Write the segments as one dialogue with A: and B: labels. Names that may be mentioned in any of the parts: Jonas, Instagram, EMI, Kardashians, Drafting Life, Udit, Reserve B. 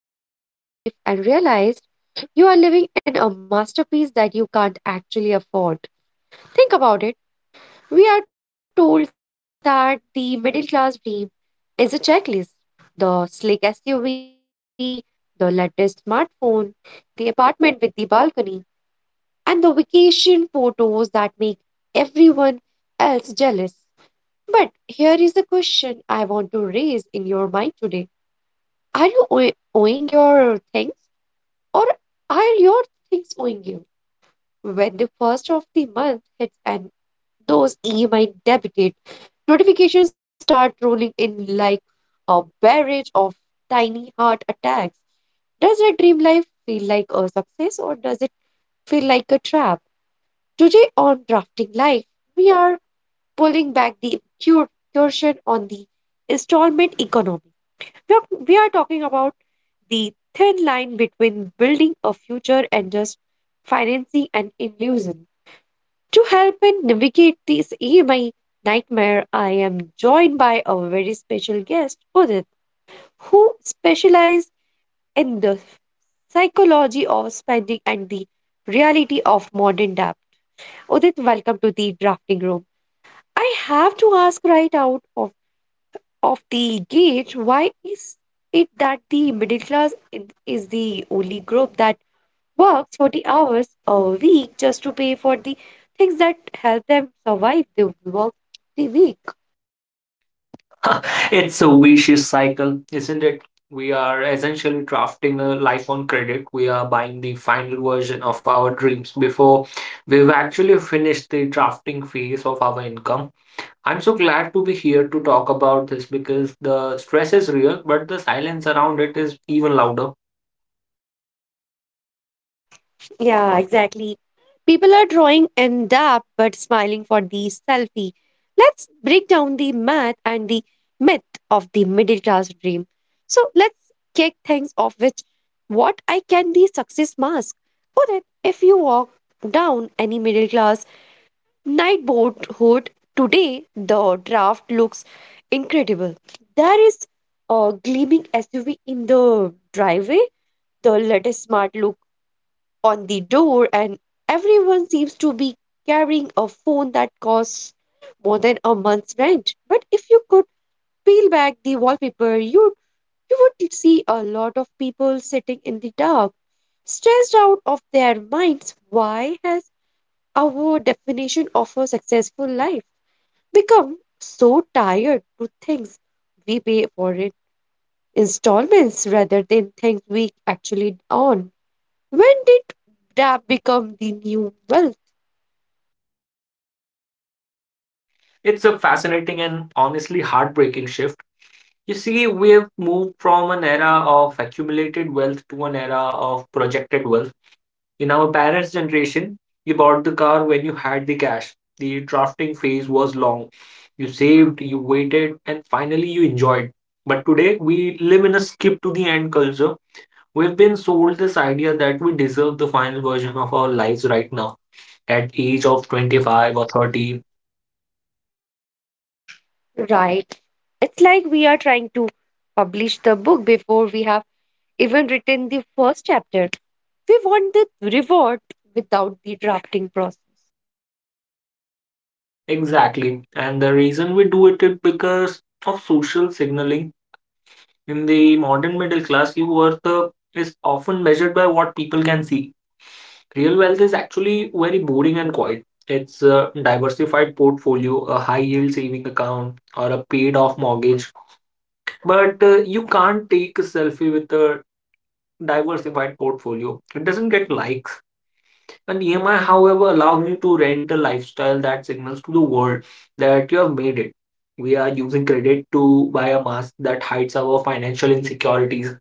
A: at your life and realized you are living in a masterpiece that you can't actually afford? Think about it. We are told that the middle class dream is a checklist: the slick SUV, the latest smartphone, the apartment with the balcony, and the vacation photos that make everyone else jealous. But here is a question I want to raise in your mind today. Are you owing your things? Or are your things owing you? When the first of the month hits and those EMI debited notifications start rolling in like a barrage of tiny heart attacks, does your dream life feel like a success or does it feel like a trap? Today on Drafting Life, we are pulling back the curtain on the installment economy. We are, we are talking about the thin line between building a future and just financing an illusion. To help me navigate this EMI nightmare, I am joined by a very special guest, Udit, who specializes in the psychology of spending and the reality of modern debt. Udit, welcome to the drafting room. I have to ask right out of the gauge, why is it that the middle class is the only group that works 40 hours a week just to pay for the things that help them survive the work the week?
B: It's a vicious cycle, isn't it? We are essentially drafting a life on credit. We are buying the final version of our dreams before we've actually finished the drafting phase of our income. I'm so glad to be here to talk about this because the stress is real, but the silence around it is even louder.
A: Yeah, exactly. People are drawing and up but smiling for the selfie. Let's break down the math and the myth of the middle class dream. So let's kick things off with what I can the success mask. Udit, if you walk down any middle class night boat hood today, the draft looks incredible. There is a gleaming SUV in the driveway, the latest smart on the door, and everyone seems to be carrying a phone that costs more than a month's rent. But if you could peel back the wallpaper, you would see a lot of people sitting in the dark, stressed out of their minds. Why has our definition of a successful life become so tired to things we pay for in installments rather than things we actually own? When did that become the new wealth,
B: It's a fascinating and honestly heartbreaking shift. You see, we have moved from an era of accumulated wealth to an era of projected wealth. In our parents' generation, you bought the car when you had the cash. The drafting phase was long. You saved, you waited, and finally you enjoyed. But today, we live in a skip to the end culture. We've been sold this idea that we deserve the final version of our lives right now, at age of 25 or 30.
A: right? It's like we are trying to publish the book before we have even written the first chapter. We want the reward without the drafting process.
B: Exactly. And the reason we do it is because of social signaling. In the modern middle class, your worth is often measured by what people can see. Real wealth is actually very boring and quiet. It's a diversified portfolio, a high yield saving account, or a paid off mortgage. But you can't take a selfie with a diversified portfolio. It doesn't get likes. And EMI, however, allows you to rent a lifestyle that signals to the world that you have made it. We are using credit to buy a mask that hides our financial insecurities.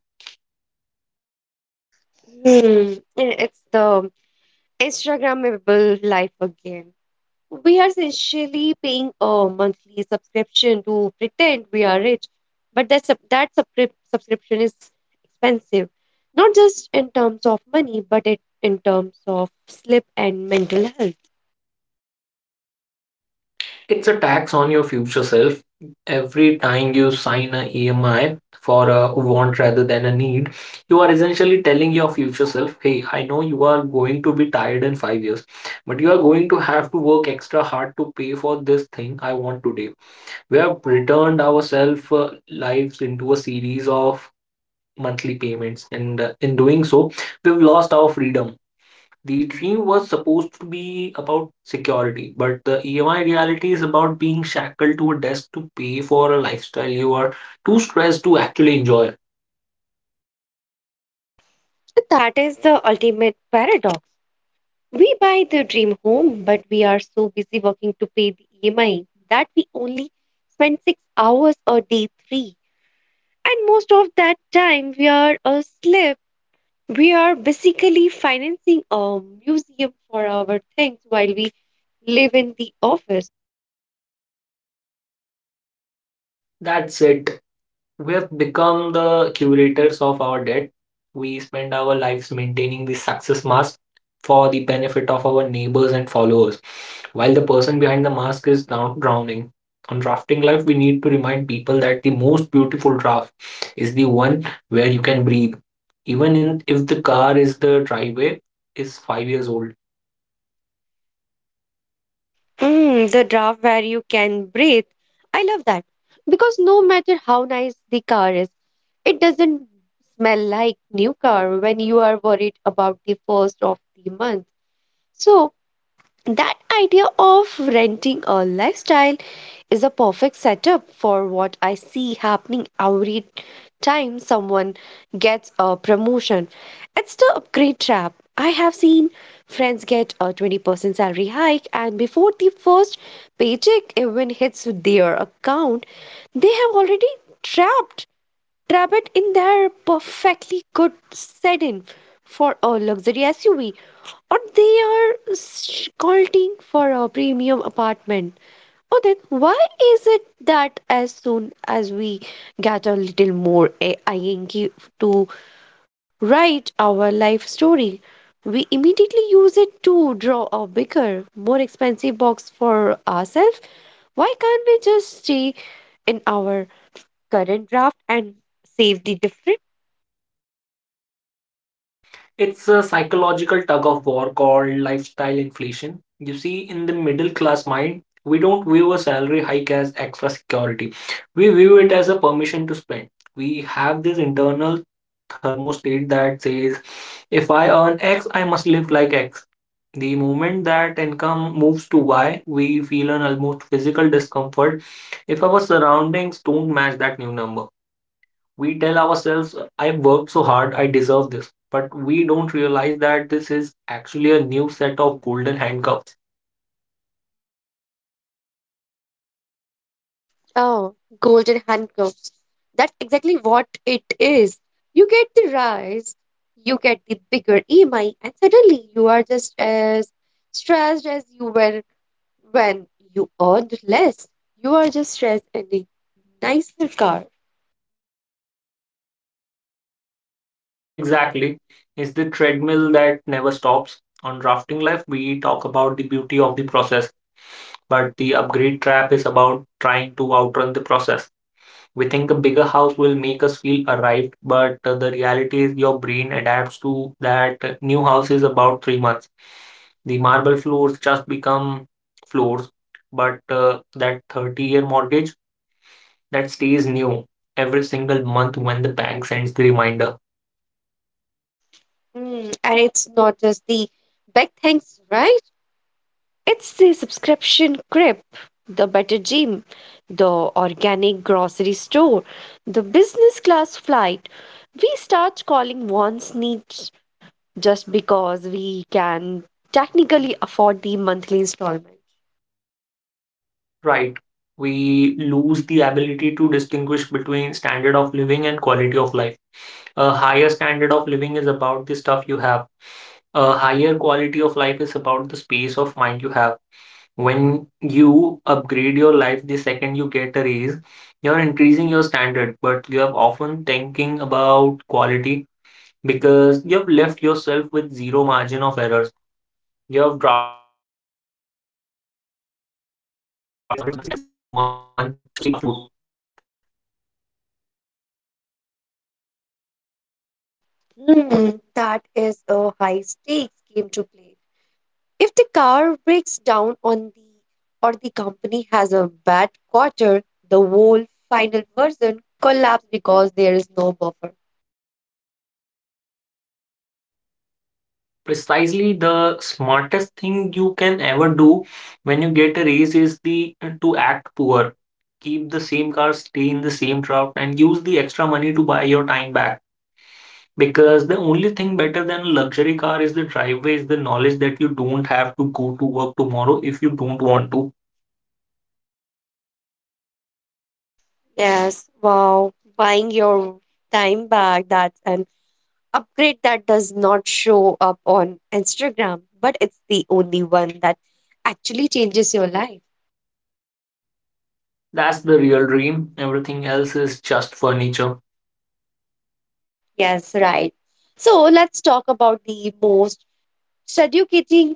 A: Hmm. It's the Instagrammable life again. We are essentially paying a monthly subscription to pretend we are rich, but that subscription is expensive, not just in terms of money, but it in terms of sleep and mental health.
B: It's a tax on your future self. Every time you sign a EMI for a want rather than a need, you are essentially telling your future self, hey, I know you are going to be tired in 5 years, but you are going to have to work extra hard to pay for this thing I want today. We have returned ourselves lives into a series of monthly payments, and in doing so, we've lost our freedom. The dream was supposed to be about security, but the EMI reality is about being shackled to a desk to pay for a lifestyle you are too stressed to actually enjoy.
A: So that is the ultimate paradox. We buy the dream home, but we are so busy working to pay the EMI that we only spend 6 hours a day three. And most of that time we are asleep. We are basically financing a museum for our things while we live in the office.
B: That's it. We have become the curators of our debt. We spend our lives maintaining the success mask for the benefit of our neighbors and followers, while the person behind the mask is now drowning. On drafting life, we need to remind people that the most beautiful draft is the one where you can breathe. If the car is the driveway is 5 years old.
A: Mm, the draft where you can breathe. I love that. Because no matter how nice the car is, it doesn't smell like new car when you are worried about the first of the month. So that idea of renting a lifestyle is a perfect setup for what I see happening every time someone gets a promotion. It's the upgrade trap. I have seen friends get a 20% salary hike, and before the first paycheck even hits their account, they have already trapped trap it in their perfectly good sedan for a luxury SUV, or they are scalding for a premium apartment. Oh then, why is it that as soon as we get a little more ink to write our life story, we immediately use it to draw a bigger, more expensive box for ourselves? Why can't we just stay in our current draft and save the difference?
B: It's a psychological tug of war called lifestyle inflation. You see, in the middle class mind, we don't view a salary hike as extra security. We view it as a permission to spend. We have this internal thermostat that says, if I earn X, I must live like X. The moment that income moves to Y, we feel an almost physical discomfort if our surroundings don't match that new number. We tell ourselves, I worked so hard, I deserve this. But we don't realize that this is actually a new set of golden handcuffs.
A: Oh, golden handcuffs. That's exactly what it is. You get the rise, you get the bigger EMI, and suddenly you are just as stressed as you were when you earned less. You are just stressed in a nicer car.
B: Exactly. It's the treadmill that never stops. On Drafting Life, we talk about the beauty of the process, but the upgrade trap is about trying to outrun the process. We think a bigger house will make us feel arrived, but the reality is your brain adapts to that new house is about 3 months. The marble floors just become floors, but that 30-year mortgage that stays new every single month when the bank sends the reminder.
A: Mm, and it's not just the big things, right? It's the subscription crib, the better gym, the organic grocery store, the business class flight. We start calling one's needs just because we can technically afford the monthly installment.
B: Right. We lose the ability to distinguish between standard of living and quality of life. A higher standard of living is about the stuff you have. A higher quality of life is about the space of mind you have. When you upgrade your life the second you get a raise, you're increasing your standard, but you have often thinking about quality because you have left yourself with zero margin of errors. You have drafted a life that requires a 100% success rate every single month just to stay afloat.
A: Hmm, that is a high stakes game to play. If the car breaks down on the or the company has a bad quarter, the whole final version collapses because there is no buffer.
B: Precisely the smartest thing you can ever do when you get a raise is the to act poor. Keep the same car, stay in the same job, and use the extra money to buy your time back. Because the only thing better than a luxury car is the driveway, is the knowledge that you don't have to go to work tomorrow if you don't want to.
A: Yes, wow. Buying your time back, that's an upgrade that does not show up on Instagram, but it's the only one that actually changes your life.
B: That's the real dream. Everything else is just furniture.
A: Yes, right. So let's talk about the most seducing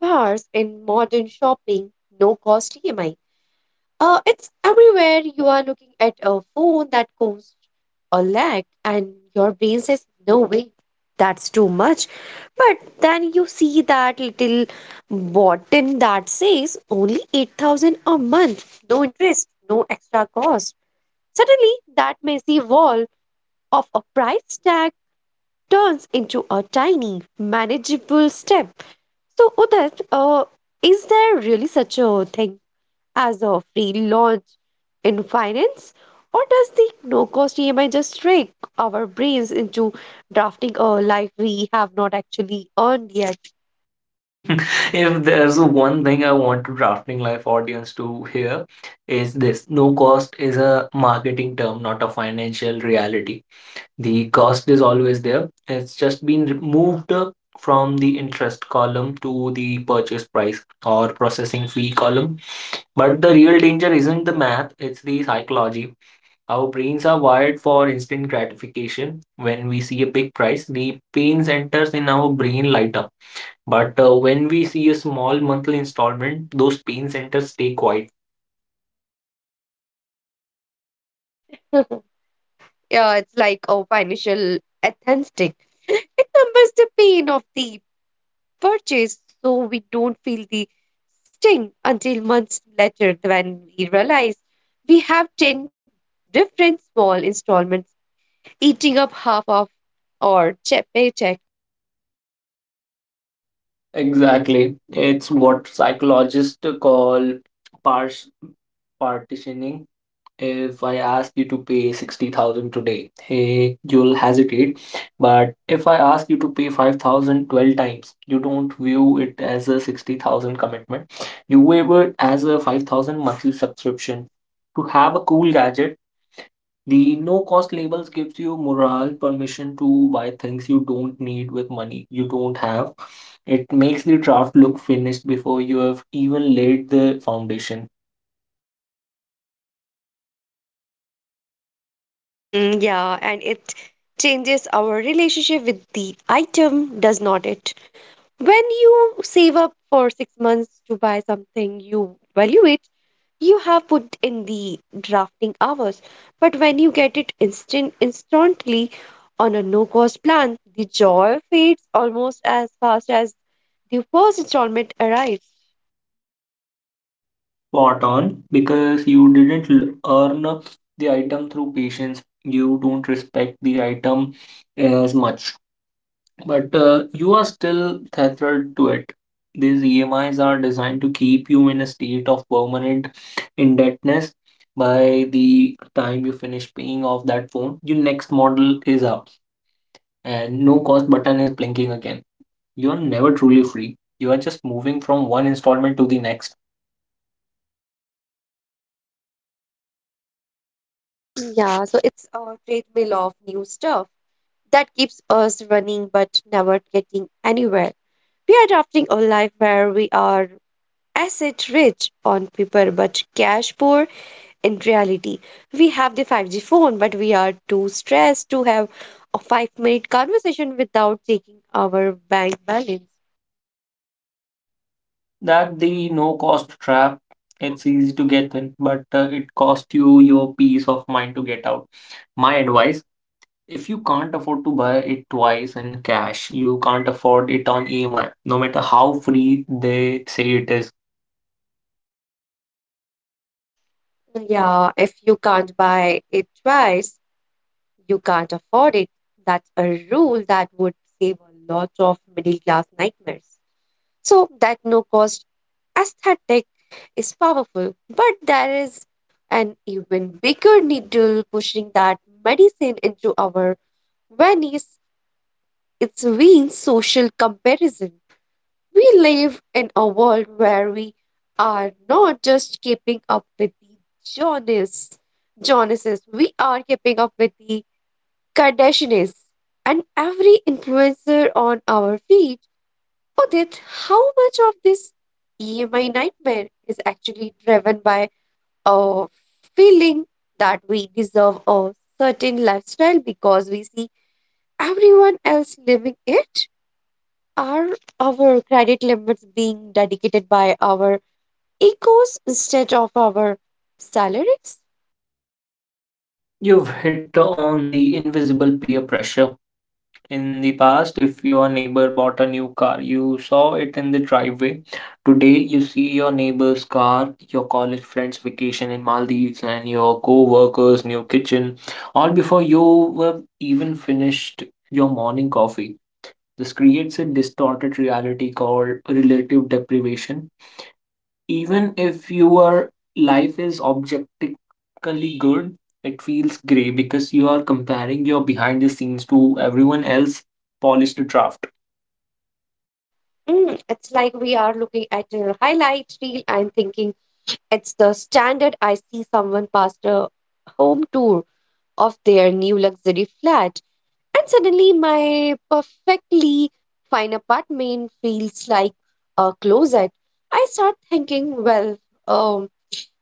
A: parts in modern shopping, no cost EMI. It's everywhere. You are looking at a phone that costs a lakh, and your brain says, no way, that's too much. But then you see that little button that says only 8,000 a month, no interest, no extra cost. Suddenly, that messy wall of a price tag turns into a tiny, manageable step. So, Udat, is there really such a thing as a freelance in finance? Or does the no cost EMI just trick our brains into drafting a life we have not actually earned yet?
B: If there's one thing I want to Drafting Life audience to hear is this. No cost is a marketing term, not a financial reality. The cost is always there. It's just been removed from the interest column to the purchase price or processing fee column. But the real danger isn't the math, it's the psychology. Our brains are wired for instant gratification. When we see a big price, the pain centers in our brain light up, but when we see a small monthly installment, those pain centers stay quiet.
A: Yeah, it's like a financial atheistic. It numbers the pain of the purchase so we don't feel the sting until months later when we realize we have 10 different small installments eating up half of our paycheck.
B: Exactly. It's what psychologists call pars- partitioning. If I ask you to pay 60,000 today, hey, you'll hesitate. But if I ask you to pay 5,000 12 times, you don't view it as a 60,000 commitment. You view it as a 5,000 monthly subscription. To have a cool gadget. The no cost labels gives you morale permission to buy things you don't need with money you don't have. It makes the draft look finished before you have even laid the foundation.
A: Hmm, yeah, and it changes our relationship with the item, does not it? When you save up for 6 months to buy something, you value it, you have put in the drafting hours. But when you get it instantly on a no-cost plan, the joy fades almost as fast as the first installment arrives.
B: Spot on, because you didn't earn the item through patience. You don't respect the item as much. But you are still tethered to it. These EMIs are designed to keep you in a state of permanent indebtedness. By the time you finish paying off that phone, your next model is out and no cost button is blinking again. You are never truly free. You are just moving from one installment to the next.
A: Yeah, so it's a treadmill of new stuff that keeps us running but never getting anywhere. We are adopting a life where we are asset rich on paper but cash poor in reality. We have the 5G phone, but we are too stressed to have a 5 minute conversation without taking our bank balance.
B: That the no cost trap, it's easy to get in, but it costs you your peace of mind to get out. My advice: if you can't afford to buy it twice in cash, you can't afford it on EMI, no matter how free they say it is.
A: Yeah, if you can't buy it twice, you can't afford it. That's a rule that would save a lot of middle class nightmares. So that no cost aesthetic is powerful, but there is an even bigger needle pushing that medicine into our veins. It's veins. Social comparison. We live in a world where we are not just keeping up with the Jonas, Jonases, we are keeping up with the Kardashians and every influencer on our feed. Udit, how much of this EMI nightmare is actually driven by a feeling that we deserve a certain lifestyle because we see everyone else living it? Are our credit limits being dedicated by our egos instead of our salaries?
B: You've hit on the invisible peer pressure. In the past, if your neighbor bought a new car, you saw it in the driveway. Today, you see your neighbor's car, your college friend's vacation in Maldives, and your co worker's new kitchen, all before you were even finished your morning coffee. This creates a distorted reality called relative deprivation. Even if your life is objectively good, it feels gray because you are comparing your behind the scenes to everyone else polished draft.
A: Mm, it's like we are looking at a highlight reel and thinking it's the standard. I see someone passed a home tour of their new luxury flat. And suddenly, my perfectly fine apartment feels like a closet. I start thinking, well, um,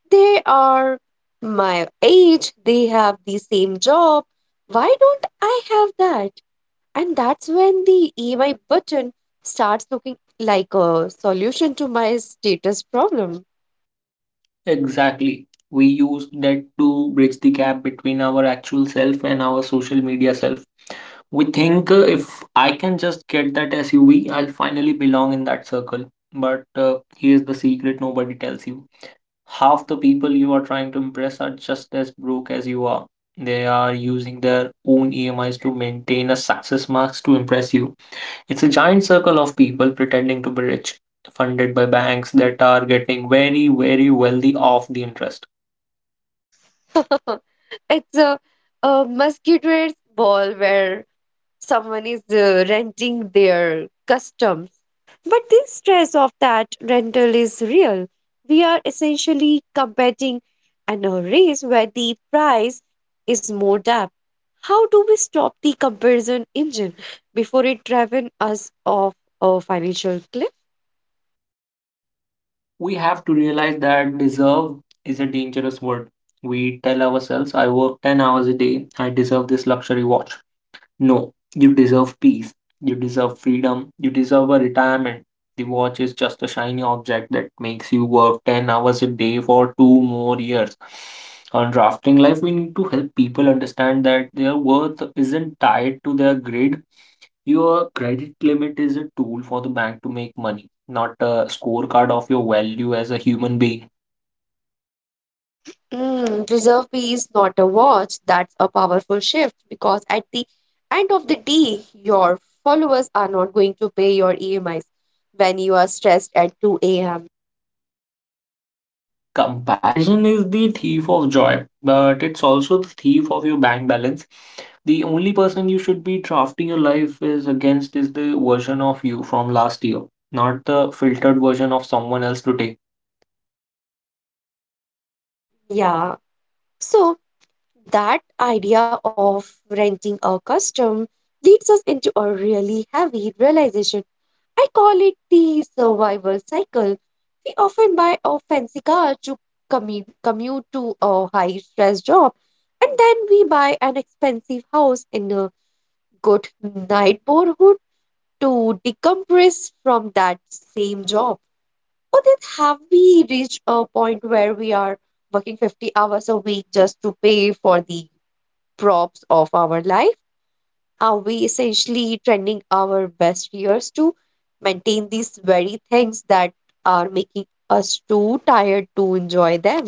A: they are my age, they have the same job. Why don't I have that? And that's when the EMI button starts looking like a solution to my status problem.
B: Exactly. We use that to bridge the gap between our actual self and our social media self. We think if I can just get that SUV, I'll finally belong in that circle. But here's the secret nobody tells you: half the people you are trying to impress are just as broke as you are. They are using their own EMIs to maintain a success mask to impress you. It's a giant circle of people pretending to be rich, funded by banks that are getting very, very wealthy off the interest.
A: It's a mosquito's ball where someone is renting their customs. But the stress of that rental is real. We are essentially competing in a race where the price is more depth. How do we stop the comparison engine before it drives us off a financial cliff?
B: We have to realize that deserve is a dangerous word. We tell ourselves, I work 10 hours a day, I deserve this luxury watch. No, you deserve peace. You deserve freedom. You deserve a retirement. The watch is just a shiny object that makes you work 10 hours a day for two more years. On drafting life, we need to help people understand that their worth isn't tied to their grade. Your credit limit is a tool for the bank to make money, not a scorecard of your value as a human being.
A: Mm, reserve B is not a watch. That's a powerful shift because at the end of the day, your followers are not going to pay your EMIs when you are stressed at 2 a.m.
B: Comparison is the thief of joy, but it's also the thief of your bank balance. The only person you should be drafting your life is against is the version of you from last year, not the filtered version of someone else today.
A: Yeah. So that idea of renting a custom leads us into a really heavy realization. I call it the survival cycle. We often buy a fancy car to commute to a high stress job, and then we buy an expensive house in a good neighborhood to decompress from that same job. Or then have we reached a point where we are working 50 hours a week just to pay for the props of our life? Are we essentially trending our best years to maintain these very things that are making us too tired to enjoy them?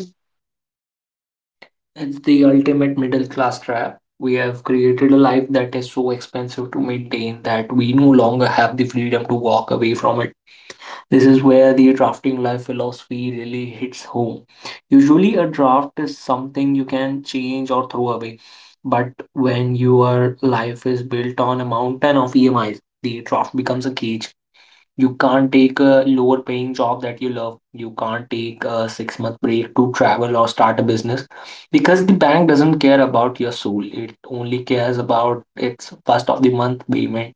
B: It's the ultimate middle class trap. We have created a life that is so expensive to maintain that we no longer have the freedom to walk away from it. This is where the drafting life philosophy really hits home. Usually, a draft is something you can change or throw away. But when your life is built on a mountain of EMIs, the draft becomes a cage. You can't take a lower paying job that you love. You can't take a 6 month break to travel or start a business because the bank doesn't care about your soul. It only cares about its first of the month payment.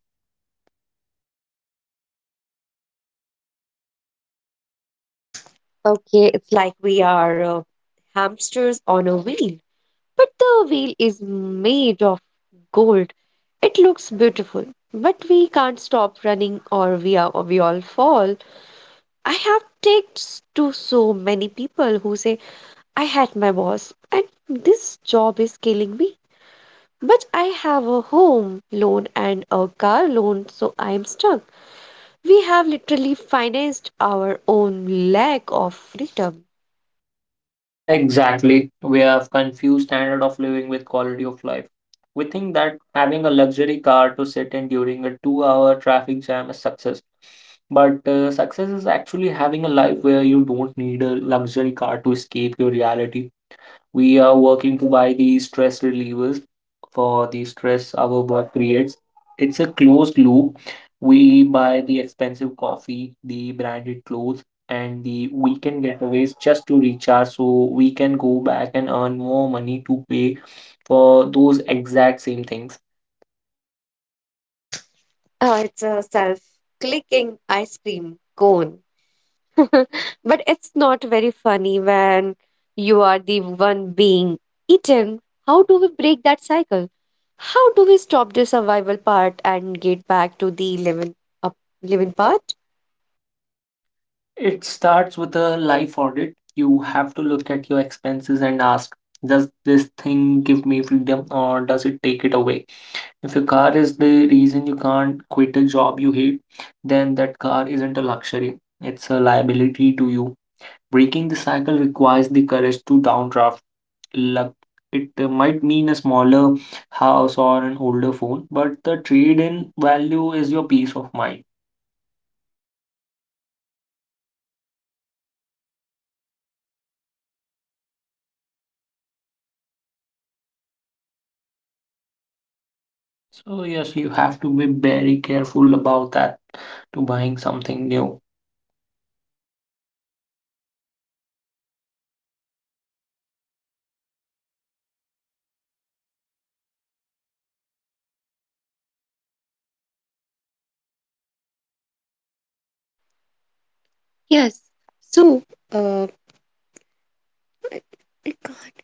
A: Okay, it's like we are hamsters on a wheel, but the wheel is made of gold. It looks beautiful, but we can't stop running or we all fall. I have talked to so many people who say I had my boss and this job is killing me. But I have a home loan and a car loan, so I'm stuck. We have literally financed our own lack of freedom.
B: Exactly. We have confused standard of living with quality of life. We think that having a luxury car to sit in during a 2 hour traffic jam is success. But success is actually having a life where you don't need a luxury car to escape your reality. We are working to buy the stress relievers for the stress our work creates. It's a closed loop. We buy the expensive coffee, the branded clothes, and the weekend getaways just to recharge so we can go back and earn more money to pay for those exact same things.
A: Oh, it's a self clicking ice cream cone. But it's not very funny when you are the one being eaten. How do we break that cycle? How do we stop the survival part and get back to the up living part?
B: It starts with a life audit. You have to look at your expenses and ask, does this thing give me freedom or does it take it away? If your car is the reason you can't quit a job you hate, then that car isn't a luxury. It's a liability to you. Breaking the cycle requires the courage to downdraft. Luck. It might mean a smaller house or an older phone, but the trade in value is your peace of mind. So, yes, you have to be very careful about that to buying something new.
A: Yes. So, uh, I I can't.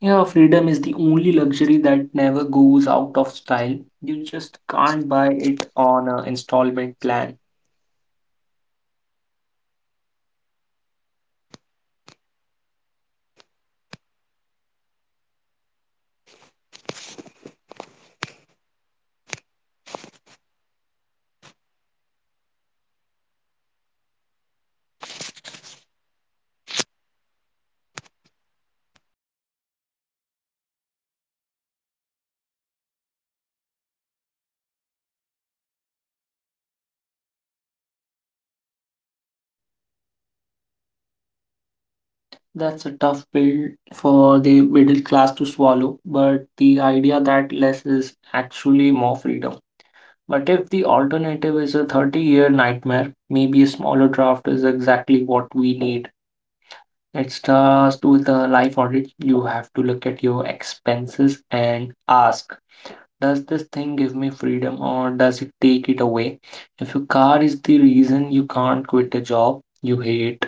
B: Yeah, freedom is the only luxury that never goes out of style. You just can't buy it on an installment plan. That's a tough pill for the middle class to swallow, but the idea that less is actually more freedom. But if the alternative is a 30-year nightmare, maybe a smaller draft is exactly what we need. It starts with a life audit. You have to look at your expenses and ask, does this thing give me freedom or does it take it away? If your car is the reason you can't quit a job you hate,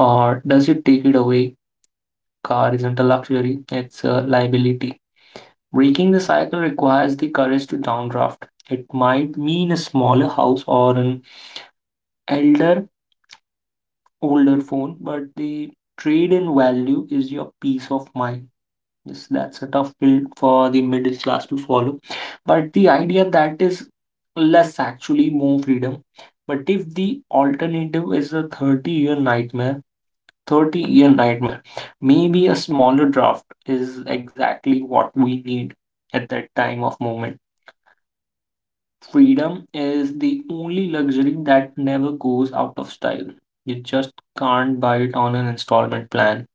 B: or does it take it away? Car isn't a luxury, it's a liability. Breaking the cycle requires the courage to downdraft. It might mean a smaller house or an elder, older phone, but the trade in value is your peace of mind. Yes, that's a tough pill for the middle class to swallow. But the idea that is less actually more freedom. But if the alternative is a 30-year nightmare, 30-year nightmare, maybe a smaller draft is exactly what we need at that time of moment. Freedom is the only luxury that never goes out of style. You just can't buy it on an installment plan.